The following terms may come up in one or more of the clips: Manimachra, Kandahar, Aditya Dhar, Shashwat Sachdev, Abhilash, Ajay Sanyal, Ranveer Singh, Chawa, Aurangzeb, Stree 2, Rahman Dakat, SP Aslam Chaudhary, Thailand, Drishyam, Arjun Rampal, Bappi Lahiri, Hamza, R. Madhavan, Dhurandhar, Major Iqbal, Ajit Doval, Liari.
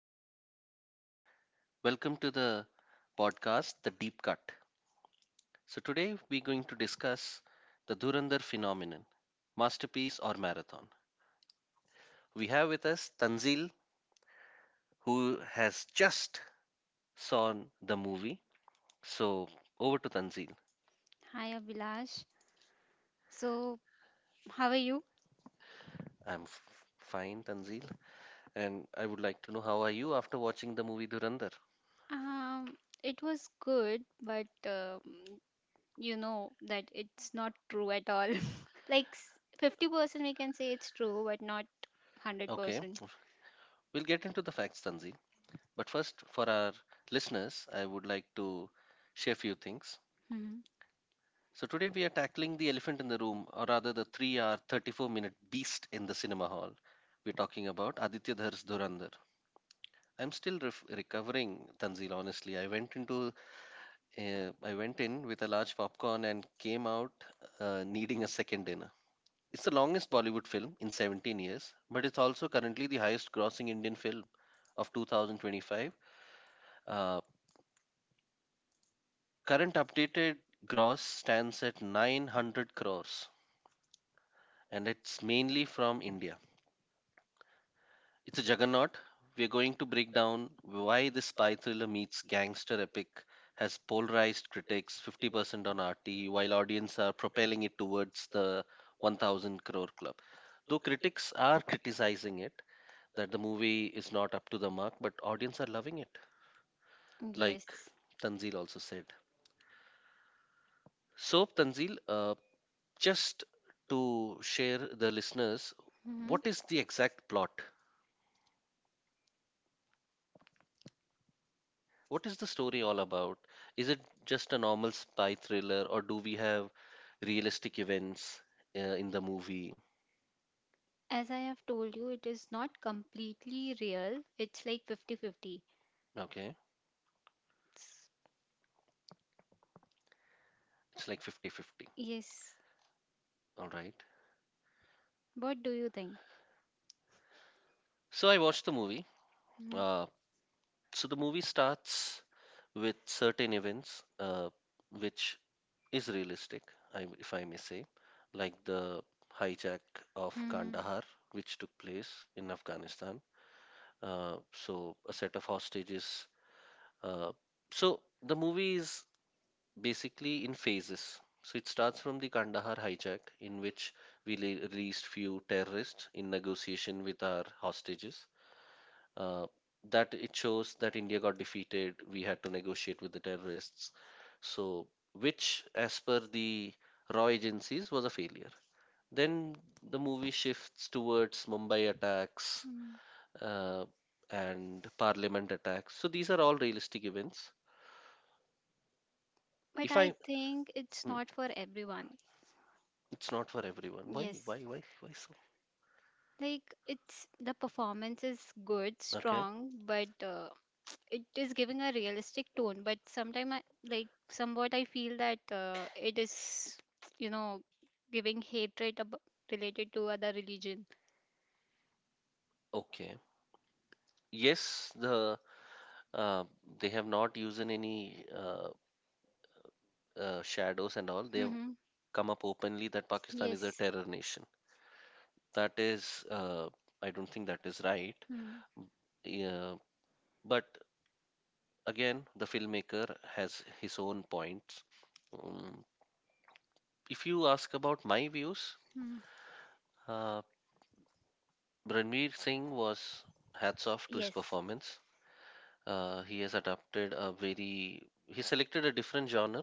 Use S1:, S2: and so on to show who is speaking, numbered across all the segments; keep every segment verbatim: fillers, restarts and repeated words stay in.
S1: viewers. Welcome to the podcast, The Deep Cut. So, today we're going to discuss the Dhurandhar phenomenon, masterpiece or marathon. We have with us Tanzil, who has just saw the movie. So, over to Tanzil.
S2: Hi Abhilash. So, how are you?
S1: I'm f- fine, Tanzil. And I would like to know how are you after watching the movie Dhurandhar?
S2: Um, it was good, but um, you know that it's not true at all. Like s- fifty percent we can say it's true, but not
S1: Okay,
S2: one hundred percent.
S1: we'll get into the facts, Tanzil. But first, for our listeners, I would like to share a few things.
S2: Mhm.
S1: So today we are tackling the elephant in the room, or rather the three-hour, thirty-four-minute beast in the cinema hall. We're talking about Aditya Dhar's Dhurandhar. I'm still ref- recovering, Tanzil. Honestly, I went into, uh, I went in with a large popcorn and came out uh, needing a second dinner. It's the longest Bollywood film in seventeen years, but it's also currently the highest-grossing Indian film of two thousand twenty-five. Uh, current updated gross stands at nine hundred crores, and it's mainly from India. It's a juggernaut. We're going to break down why this spy thriller meets gangster epic has polarized critics fifty percent on R T while audience are propelling it towards the one thousand crore club. Though critics are criticizing it that the movie is not up to the mark, but audience are loving it, like
S2: Yes.
S1: Tanzil also said. So, Tanzil, uh, just to share the listeners,
S2: Mhm.
S1: what is the exact plot? What is the story all about? Is it just a normal spy thriller, or do we have realistic events uh, in the movie?
S2: As I have told you, it is not completely real. It's like fifty fifty.
S1: Okay,
S2: It's,
S1: it's like fifty-fifty.
S2: yes.
S1: Right.
S2: What do you think?
S1: So I watched the movie.
S2: Mhm.
S1: Uh, so the movie starts with certain events, uh, which is realistic, I, if I may say, like the hijack of
S2: Mhm.
S1: Kandahar, which took place in Afghanistan. Uh, so a set of hostages. Uh, so the movie is basically in phases. So it starts from the Kandahar hijack, in which we le- released few terrorists in negotiation with our hostages. Uh, that it shows that India got defeated. We had to negotiate with the terrorists. So which, as per the raw agencies, was a failure. Then the movie shifts towards Mumbai attacks
S2: Mm.
S1: uh, and Parliament attacks. So these are all realistic events.
S2: But
S1: If
S2: I
S1: I
S2: think it's
S1: hmm.
S2: not for everyone.
S1: It's not for everyone. Why?
S2: Yes.
S1: Why? Why? Why so?
S2: Like it's the performance is good,
S1: Okay.
S2: strong, but uh, it is giving a realistic tone. But sometimes, I like somewhat, I feel that uh, it is, you know, giving hatred ab- related to other religion.
S1: Okay. Yes, the uh, they have not used in any uh, uh, shadows and all. They have
S2: Mm-hmm.
S1: come up openly that Pakistan is a
S2: Yes.
S1: terror nation. That is, uh, I don't think that is right.
S2: Mm-hmm.
S1: Yeah, but again, the filmmaker has his own points. Um, if you ask about my views, uh, Ranveer Singh was hats off to his
S2: Yes.
S1: performance. Uh, he has adapted a very, he selected a different genre,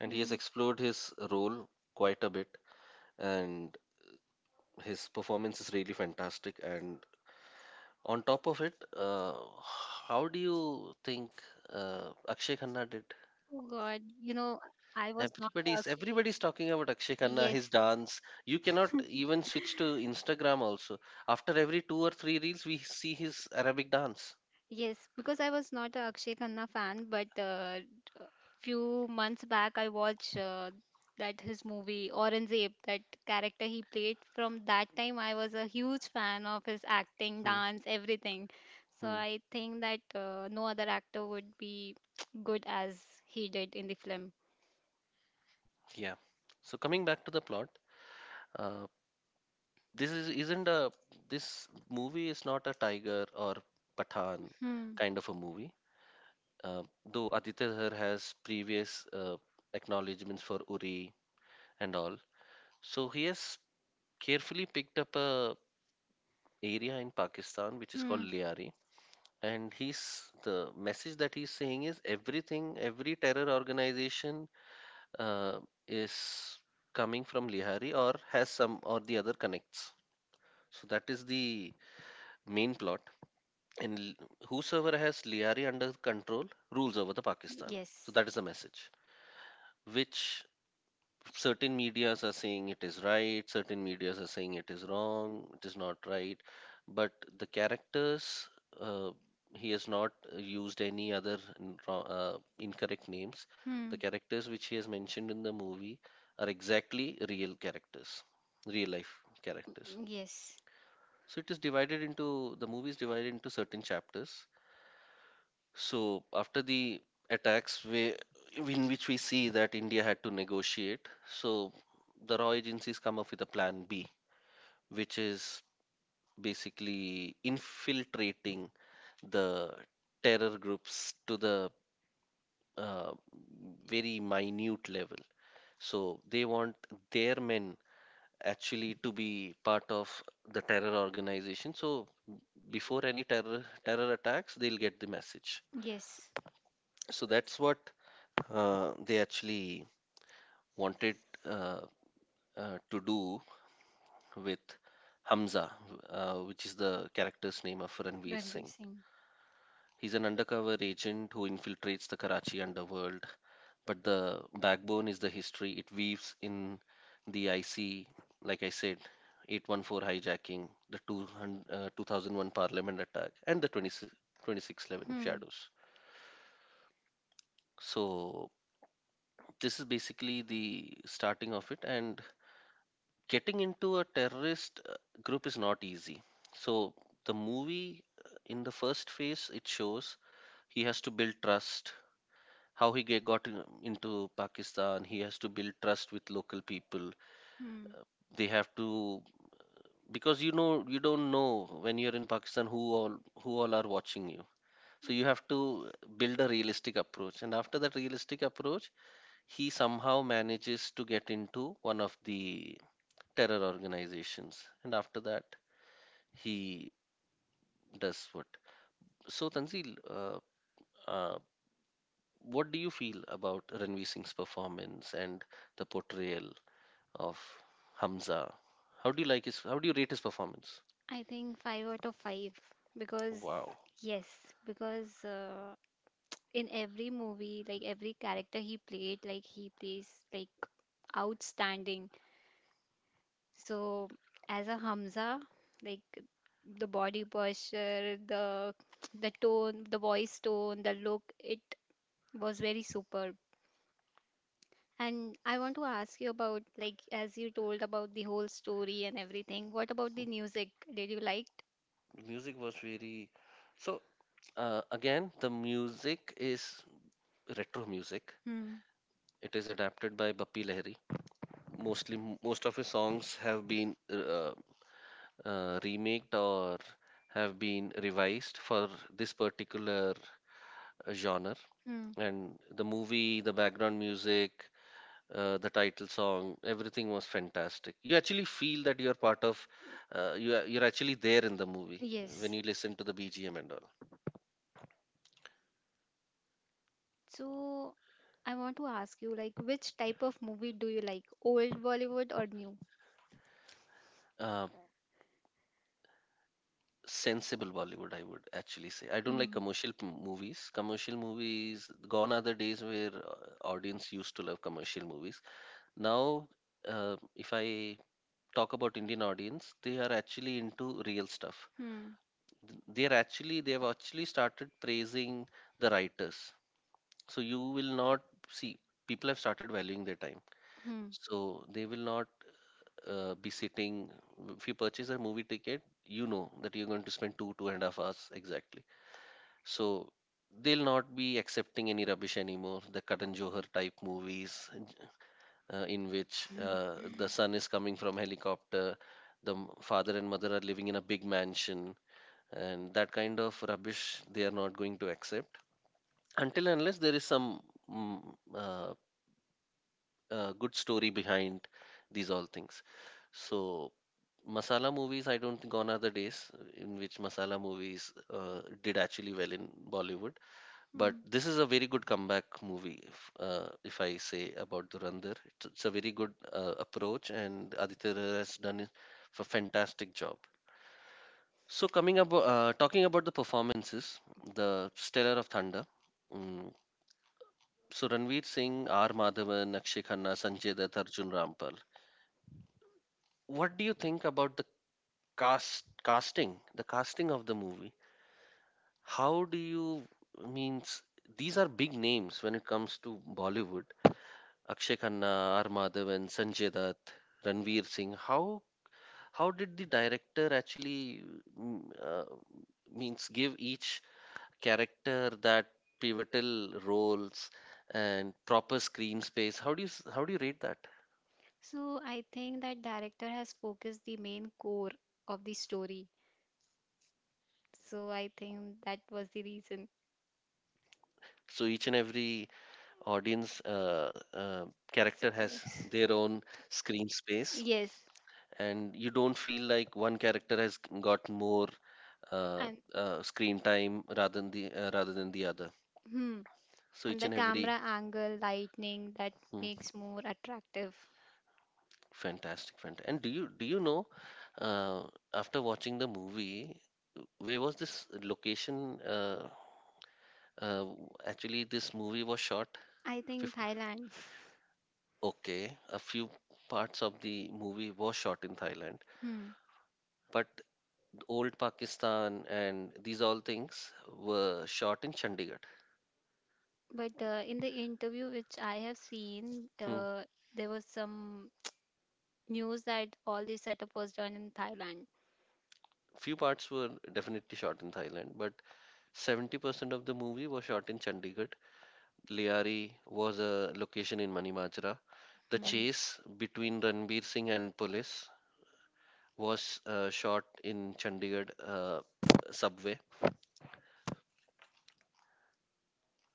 S1: and he has
S2: Hmm.
S1: explored his role quite a bit. And his performance is really fantastic. And on top of it, uh, how do you think uh, Akshay Khanna did?
S2: Oh God, you know, I was not a.
S1: Everybody's everybody's talking about Akshay Khanna,
S2: Yes.
S1: his dance. You cannot even switch to Instagram also. After every two or three reels, we see his Arabic dance.
S2: Yes, because I was not a Akshay Khanna fan, but uh, a few months back I watched uh, that his movie Aurangzeb, that character he played. From that time, I was a huge fan of his acting,
S1: Hmm.
S2: dance, everything. So
S1: Hmm.
S2: I think that uh, no other actor would be good as he did in the film.
S1: Yeah. So coming back to the plot, uh, this is isn't a this movie is not a tiger or Pathan
S2: Hmm.
S1: kind of a movie. Uh, though Aditya Dhar has previous uh, acknowledgments for Uri and all, so he has carefully picked up a area in Pakistan which is called
S2: Hmm.
S1: Liari. And he's the message that he's saying is everything every terror organization uh, is coming from Lihari or has some or the other connects, so that is the main plot, and l- whosoever has Lihari under control rules over the Pakistan. So
S2: Yes.
S1: that is the message, which certain medias are saying it is right, certain medias are saying it is wrong, it is not right. But the characters, uh, he has not uh, used any other n- wro- uh, incorrect names.
S2: Hmm.
S1: The characters which he has mentioned in the movie are exactly real characters, real life characters.
S2: Yes.
S1: So it is divided into the movie is divided into certain chapters. So after the attacks, we, in which we see that India had to negotiate, so the raw agencies come up with a plan B, which is basically infiltrating the terror groups to the uh, very minute level. So they want their men actually to be part of the terror organization. So before any terror terror attacks, they'll get the message.
S2: Yes,
S1: So that's what uh, they actually wanted uh, uh, to do with Hamza, uh, which is the character's name of Ranveer
S2: Ranveer
S1: Singh.
S2: Singh.
S1: He's an undercover agent who infiltrates the Karachi underworld, but the backbone is the history it weaves in the I C, like I said, eight one four hijacking, the two hundred, uh, two thousand one parliament attack, and the twenty-six, twenty-six eleven
S2: Hmm.
S1: shadows. So, this is basically the starting of it, and getting into a terrorist uh, group is not easy. So the movie, uh, in the first phase, it shows he has to build trust. How he get, got in- into Pakistan, he has to build trust with local people.
S2: Hmm.
S1: Uh, They have to, because you know you don't know when you're in Pakistan who all who all are watching you. So you have to build a realistic approach, and after that realistic approach, he somehow manages to get into one of the terror organizations, and after that he does what. So, Tanzil, uh, uh, what do you feel about Ranveer Singh's performance and the portrayal of Hamza? How do you like his? How do you rate his performance?
S2: I think five out of five because
S1: Wow,
S2: yes, because uh, in every movie, like every character he played, like he plays like outstanding. So as a Hamza, like the body posture, the the tone, the voice tone, the look, it was very superb. And I want to ask you about like as you told about the whole story and everything. What about the music? Did you like?
S1: the music was very. So uh, again, the music is retro music.
S2: Hmm.
S1: It is adapted by Bappi Lahiri. Mostly, m- most of his songs have been uh, uh, remaked or have been revised for this particular uh, genre.
S2: Hmm.
S1: And the movie, the background music, uh, the title song, everything was fantastic. You actually feel that you are part of, uh, you are, you're actually there in the movie when
S2: Yes.
S1: you listen to the B G M and all.
S2: So I want to ask you like which type of movie do you like? Old Bollywood or new?
S1: Uh, sensible Bollywood, I would actually say. I don't like
S2: Hmm.
S1: commercial p- movies. Commercial movies, gone are the days where uh, audience used to love commercial movies. Now, uh, if I talk about Indian audience, they are actually into real stuff.
S2: Hmm.
S1: Th- they're actually they've actually started praising the writers, so you will not see, people have started valuing their time,
S2: Hmm.
S1: so they will not uh, be sitting. If you purchase a movie ticket, you know that you're going to spend two two and a half hours exactly. So they'll not be accepting any rubbish anymore, the Karan Johar type movies, uh, in which
S2: Hmm.
S1: uh, the son is coming from helicopter, the m- father and mother are living in a big mansion, and that kind of rubbish they are not going to accept until and unless there is some mm, uh, uh, good story behind these all things. So masala movies, I don't think. Gone are the days in which masala movies uh, did actually well in Bollywood.
S2: but Hmm.
S1: But this
S2: this
S1: is
S2: is
S1: a very good comeback movie, if, uh, if I say about Durandar. it's, it's a very good uh, approach, and Aditya Roy has done a fantastic job. So coming up, uh, talking about the performances, the Stellar of Thunder. Mm. So Ranveer Singh, R. Madhavan, Akshay Khanna, Sanjay Dutt, Arjun Rampal. What do you think about the cast casting, the casting of the movie? How do you means, these are big names when it comes to Bollywood. Akshay Khanna, R. Madhavan, Sanjay Dutt, Ranveer Singh. How how did the director actually mm, uh, means give each character that pivotal roles and proper screen space. How do you s- how do you rate that?
S2: So I think that director has focused the main core of the story. So I think that was the reason.
S1: So each and every audience uh, uh,
S2: A So,
S1: character
S2: character
S1: has
S2: has
S1: their
S2: their own
S1: own
S2: screen
S1: screen
S2: space,
S1: space,
S2: yes,
S1: and you don't feel like one character has got more
S2: uh,
S1: uh,
S2: and
S1: uh, screen time rather than the uh, rather than the other.
S2: hmm,
S1: So
S2: so and it's the very
S1: each and
S2: unique
S1: every
S2: camera angle, lightning that
S1: Hmm.
S2: makes more attractive.
S1: Fantastic, fantastic. And do you do you know, uh, after watching the movie, where was this location? Uh, uh, actually, this movie was shot.
S2: I think
S1: fifty.
S2: Thailand.
S1: Okay, a few parts of the movie was shot in Thailand,
S2: Hmm.
S1: but old Pakistan and these all things were shot in Chandigarh.
S2: But uh, in the interview which I have seen,
S1: Hmm.
S2: uh, there was some news that all the setup was done in Thailand.
S1: Few parts were definitely shot in Thailand, but seventy percent of the movie was shot in Chandigarh. Liari was a location in Manimachra. The
S2: Hmm.
S1: chase between Ranbir Singh and police was uh, shot in Chandigarh uh, subway.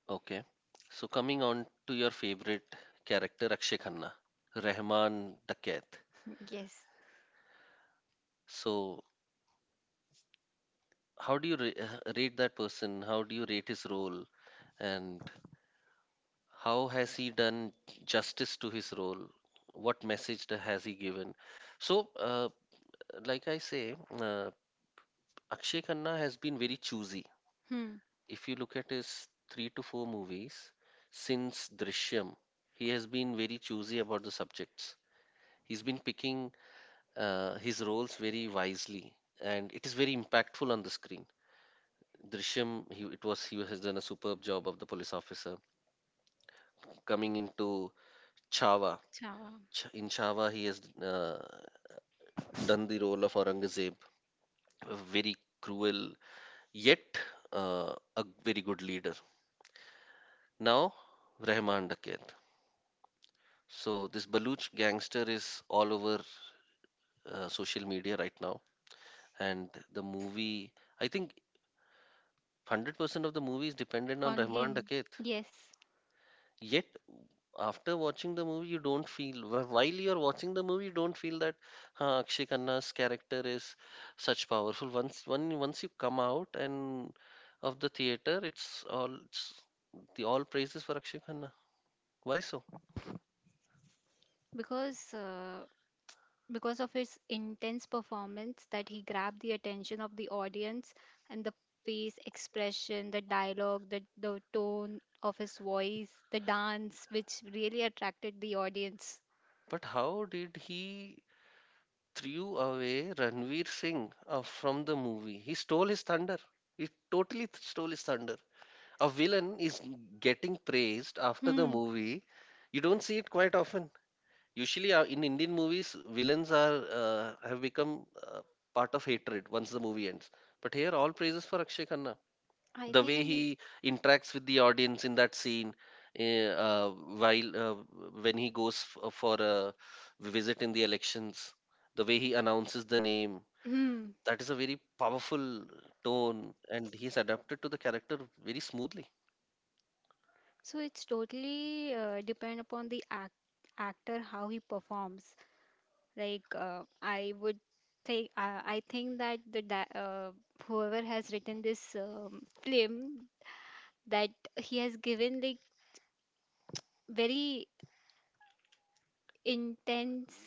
S1: Okay. So coming on to your favorite character, Akshay Khanna, Rahman Dakat.
S2: Yes.
S1: So how do you ra- uh, rate that person? How do you rate his role? And how has he done justice to his role? What message the- has he given? So, uh, like I say, uh, Akshay Khanna has been very choosy.
S2: Hmm.
S1: If you look at his three to four movies since Drishyam, he has been very choosy about the subjects. He's been picking uh, his roles very wisely, and it is very impactful on the screen. Drishyam, he, it was he has done a superb job of the police officer. Coming into Chava,
S2: Chawa.
S1: Ch- in Chava, he has uh, done the role of Aurangzeb, a very cruel yet uh, a very good leader. Now, Rahman Dakir. So this Baluch gangster is all over uh, social media right now, and the movie. I think hundred percent of the movie is dependent on Rahman
S2: Him.
S1: Dakhet.
S2: Yes.
S1: Yet after watching the movie, you don't feel wh- while you're watching the movie, you don't feel that huh, Akshay Khanna's character is such powerful. Once when once you come out and of the theater, it's all it's the all praises for Akshay Khanna. Why so?
S2: Because uh, because of his intense performance that he grabbed the attention of the audience and the face expression, the dialogue, the the tone of his voice, the dance which really attracted the audience.
S1: But how did he threw away Ranveer Singh uh, from the movie. He stole his thunder. He totally th- stole his thunder. A villain is getting praised after the
S2: Hmm.
S1: movie. You don't see it quite often. Usually, uh, in Indian movies, villains are uh, have become uh, part of hatred once the movie ends. But here, all praises for Akshay Khanna.
S2: I
S1: The way
S2: think.
S1: he interacts with the audience in that scene, eh, uh, while uh, when he goes f- uh, for a visit in the elections, the way he announces the name,
S2: hmm
S1: that is a very powerful tone, and he's adapted to the character very smoothly.
S2: So it's totally uh, depend upon the act, actor how he performs. Like uh, I would think uh, I think that the di- uh, whoever has written this um, film that he has given like very intense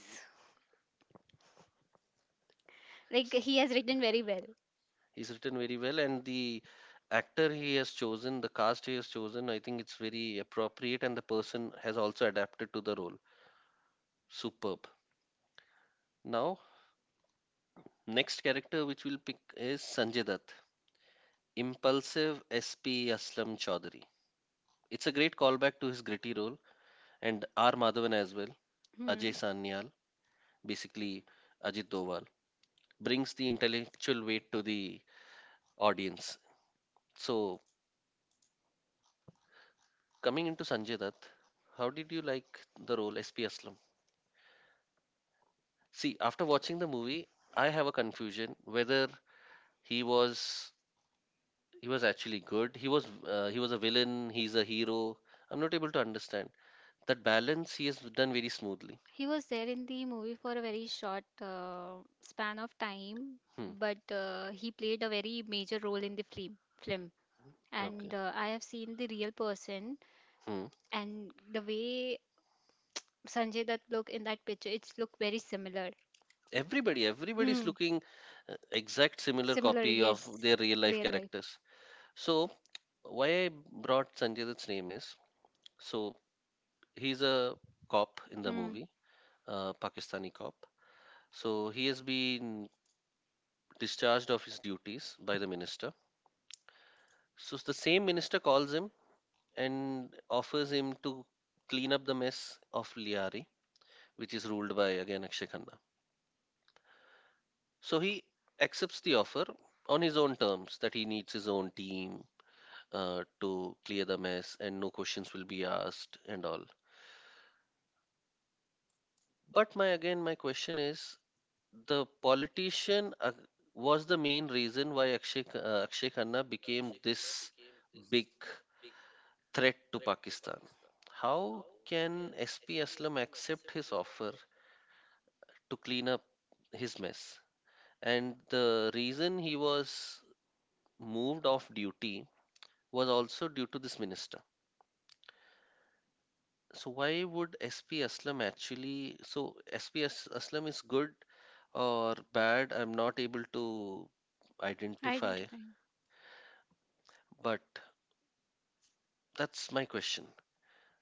S2: like he has written very well.
S1: He's written very well, and the actor he has chosen, the cast he has chosen, I think it's very appropriate, and the person has also adapted to the role superb. Now, next character which we'll pick is Sanjay Dutt. Impulsive S P Aslam Chaudhary. It's a great callback to his gritty role, and R Madhavan as well. Ajay
S2: Hmm.
S1: Sanyal, basically Ajit Doval, brings the intellectual weight to the audience. So coming into Sanjay Dutt, how did you like the role S P Aslam? See, after watching the movie, I have a confusion whether he was he was actually good. He was uh, he was a villain. He's a hero. I'm not able to understand that balance. He has done very smoothly.
S2: He was there in the movie for a very short uh, span of time,
S1: Hmm.
S2: but uh, he played a very major role in the film. Film,
S1: Okay.
S2: and uh, I have seen the real person
S1: Hmm.
S2: and the way Sanjay Dutt look in that picture, it's look very similar.
S1: Everybody, everybody is
S2: Hmm.
S1: looking uh, exact similar
S2: Similar,
S1: copy of
S2: yes.
S1: their real life
S2: Real life.
S1: characters. So why I brought Sanjay Dutt's name is, so he's a cop in the
S2: Hmm.
S1: movie, a Pakistani cop. So he has been discharged of his duties by the minister. So the same minister calls him and offers him to clean up the mess of Liari, which is ruled by again Akshay Khanna. So he accepts the offer on his own terms that he needs his own team uh, to clear the mess and no questions will be asked and all. But my again my question is, the politician uh, was the main reason why Akshay uh, Akshay Khanna became this big threat to Pakistan. How can S P Aslam accept his offer to clean up his mess? And the reason he was moved off duty was also due to this minister. So why would S P Aslam actually? So S P As- Aslam is good or bad? I'm not able to identify,
S2: Identifying.
S1: but that's my question.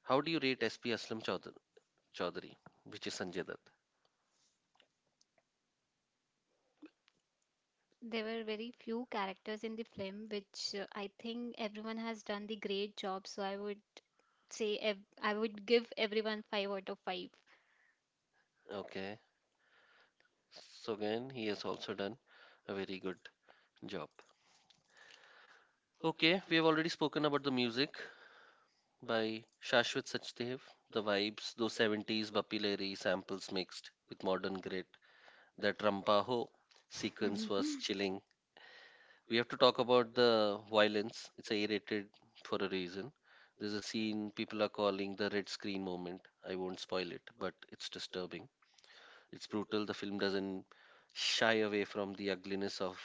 S1: How do you rate S P Aslam Chaudh- Chaudhary, which is Sanjay Dutt?
S2: There were very few characters in the film, which uh, I think everyone has done the great job. So I would say ev- I would give everyone five out of five.
S1: Okay, so again he has also done a very good job. Okay, we have already spoken about the music by Shashwat Sachdev. The vibes, those seventies Bappi Lahiri samples mixed with modern grit. That Rampaho sequence was chilling. We have to talk about the violence. It's A rated for a reason. There's a scene people are calling the red screen moment. I won't spoil it, but it's disturbing. It's brutal. The film doesn't shy away from the ugliness of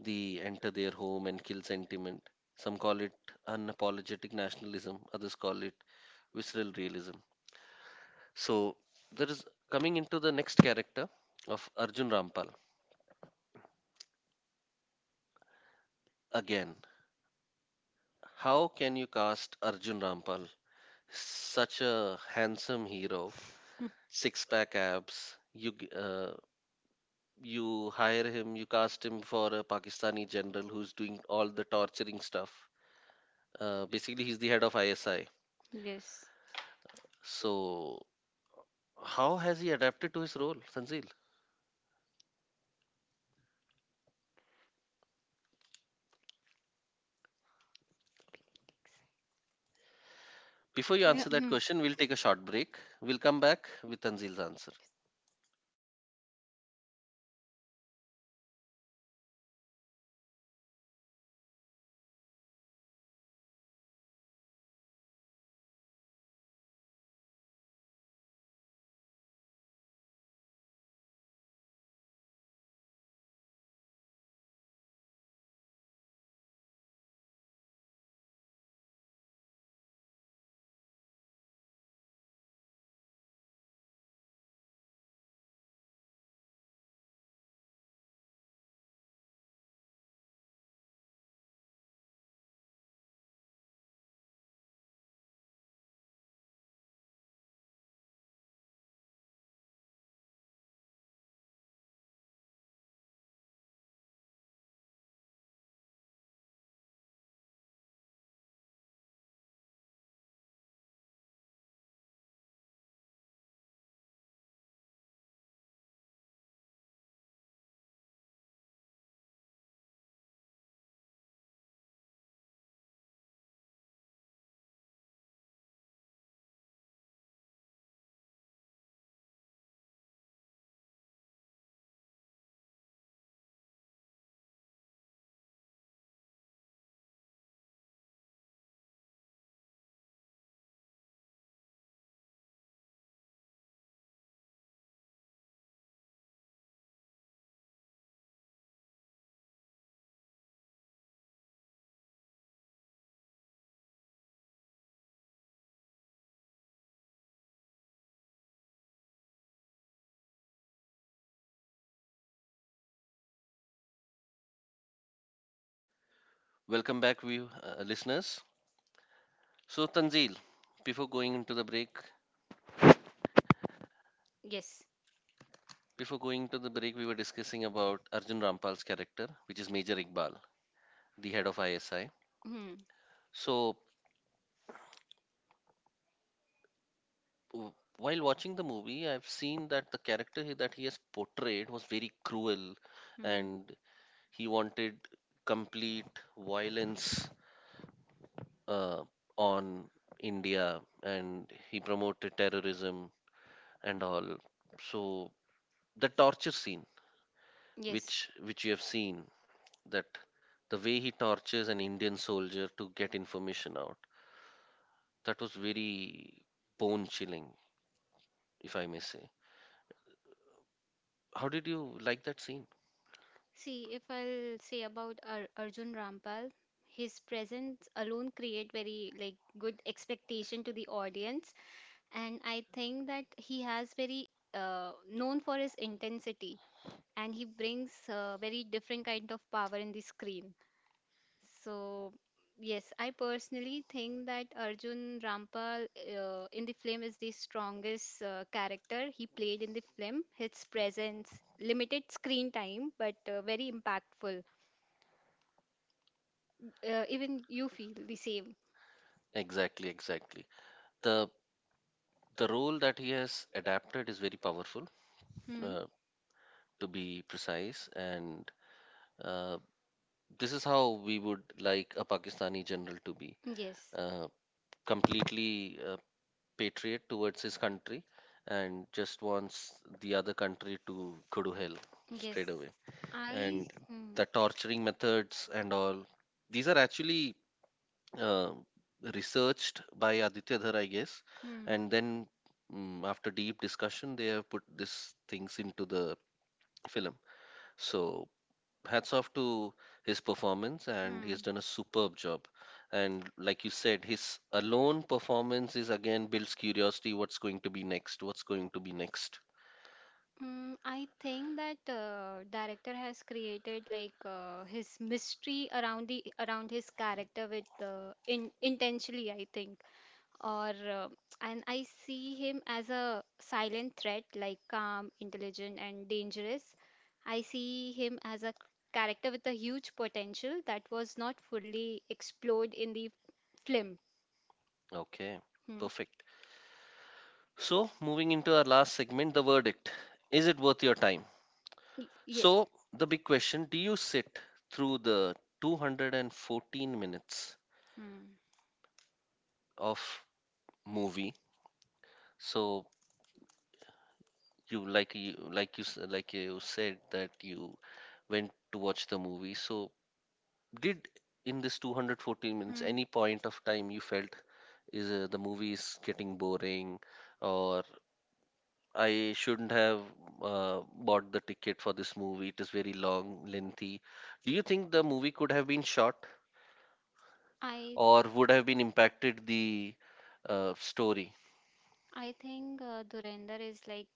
S1: the enter their home and kill sentiment. Some call it unapologetic nationalism, others call it visceral realism. So there is, coming into the next character of Arjun Rampal. Again, how can you cast Arjun Rampal? Such a handsome hero, six pack abs. You g- uh, you hire him, you cast him for a Pakistani general who's doing all the torturing stuff. Uh, basically, he's the head of I S I.
S2: Yes.
S1: So how has he adapted to his role, Sanzil? Before you
S2: Yeah,
S1: answer that
S2: hmm.
S1: question, we'll take a short break. We'll come back with Tanzil's answer. Welcome back, view uh, listeners. So Tanzil, before going into the break,
S2: Yes.
S1: before going to the break, we were discussing about Arjun Rampal's character, which is Major Iqbal, the head of I S I.
S2: Hmm.
S1: So w- while watching the movie, I've seen that the character he- that he has portrayed was very cruel,
S2: Hmm.
S1: and he wanted complete violence uh, on India, and he promoted terrorism and all. So the torture scene
S2: Yes.
S1: which which you have seen, that the way he tortures an Indian soldier to get information out, that was very bone chilling, if I may say. How did you like that scene?
S2: See, if I'll say about Ar- Arjun Rampal, his presence alone create very like good expectation to the audience, and I think that he has very uh, known for his intensity, and he brings uh, very different kind of power in the screen. So, yes, I personally think that Arjun Rampal uh, in the film is the strongest uh, character he played in the film. His presence, limited screen time, but uh, very impactful. Uh, even you feel the same.
S1: Exactly, exactly. The the role that he has adapted is very powerful,
S2: Hmm?
S1: uh, to be precise, and uh, this is how we would like a Pakistani general to be,
S2: Yes,
S1: uh, completely uh, patriot towards his country and just wants the other country to go to hell
S2: yes.
S1: straight away.
S2: I.
S1: And
S2: Hmm.
S1: the torturing methods and all, these are actually uh, researched by Aditya Dhar, I guess. And then mm, after deep discussion, they have put these things into the film. So hats off to his performance, and
S2: Hmm, hmm.
S1: he's done a superb job. And like you said, his alone performance is again builds curiosity, what's going to be next what's going to be next.
S2: Mm, I think that uh, director has created like uh, his mystery around the around his character with uh, in, intentionally I think or uh, and I see him as a silent threat like calm intelligent and dangerous. I see him as a character with a huge potential that was not fully explored in the film.
S1: Okay,
S2: Hmm.
S1: perfect. So moving into our last segment, the verdict, is it worth your time?
S2: Y- yeah.
S1: So the big question, do you sit through the two hundred fourteen minutes
S2: Hmm.
S1: of movie? So you like you like you s- like you said that you went to watch the movie, so did in this two hundred fourteen minutes
S2: Hmm.
S1: any point of time you felt is uh, the movie is getting boring, or I shouldn't have uh, bought the ticket for this movie. It is very long, lengthy. Do you think the movie could have been short
S2: I
S1: or would have been impacted the uh, story?
S2: I think uh, Dhurandhar is like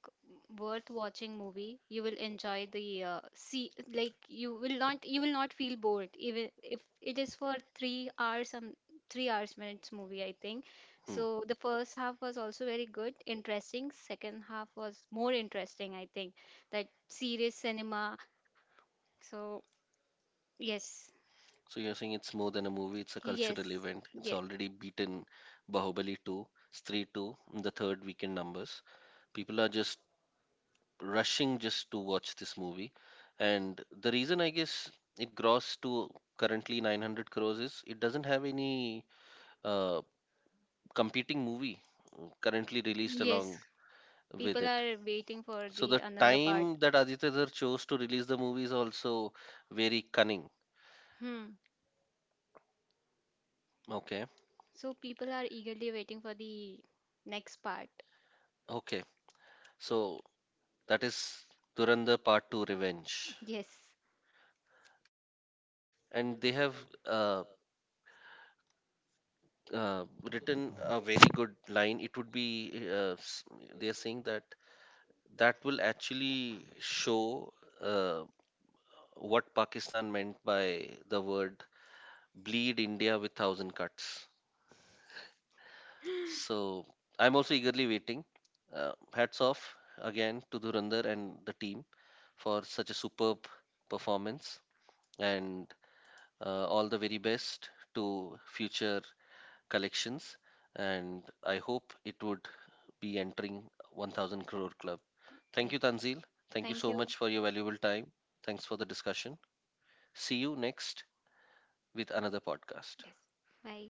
S2: worth watching movie. You will enjoy the uh, see like you will not you will not feel bored even if it is for three hours some three hours minutes movie I think.
S1: Hmm.
S2: So the first half was also very good, interesting. Second half was more interesting I think. That serious cinema. So yes,
S1: So you're saying it's more than a movie, it's a
S2: yes,
S1: cultural event. It's
S2: yes,
S1: already beaten Bahubali two, Stree two, in the third weekend numbers. People are just rushing just to watch this movie. And the reason, I guess, it grossed to currently nine hundred crores is it doesn't have any uh, competing movie uh, currently released
S2: yes.
S1: along with
S2: People
S1: it.
S2: are waiting for
S1: So
S2: the
S1: the
S2: another part.
S1: time that Aditya Dhar chose to release the movie is also very cunning.
S2: Hmm.
S1: Okay,
S2: So people are eagerly waiting for the next part.
S1: okay. So that is Durandar Part two Revenge.
S2: Yes.
S1: And they have uh, uh, written a very good line. It would be, uh, s- they are saying that that will actually show uh, what Pakistan meant by the word bleed India with thousand cuts. So I'm also eagerly waiting. Uh, hats off again to Durandar and the team for such a superb performance. And uh, all the very best to future collections, and I hope it would be entering one thousand crore club. Thank
S2: Yes.
S1: you, Tanzil. Thank you
S2: Thank
S1: so
S2: you.
S1: much for your valuable time. Thanks for the discussion. See you next with another podcast.
S2: Yes. Bye.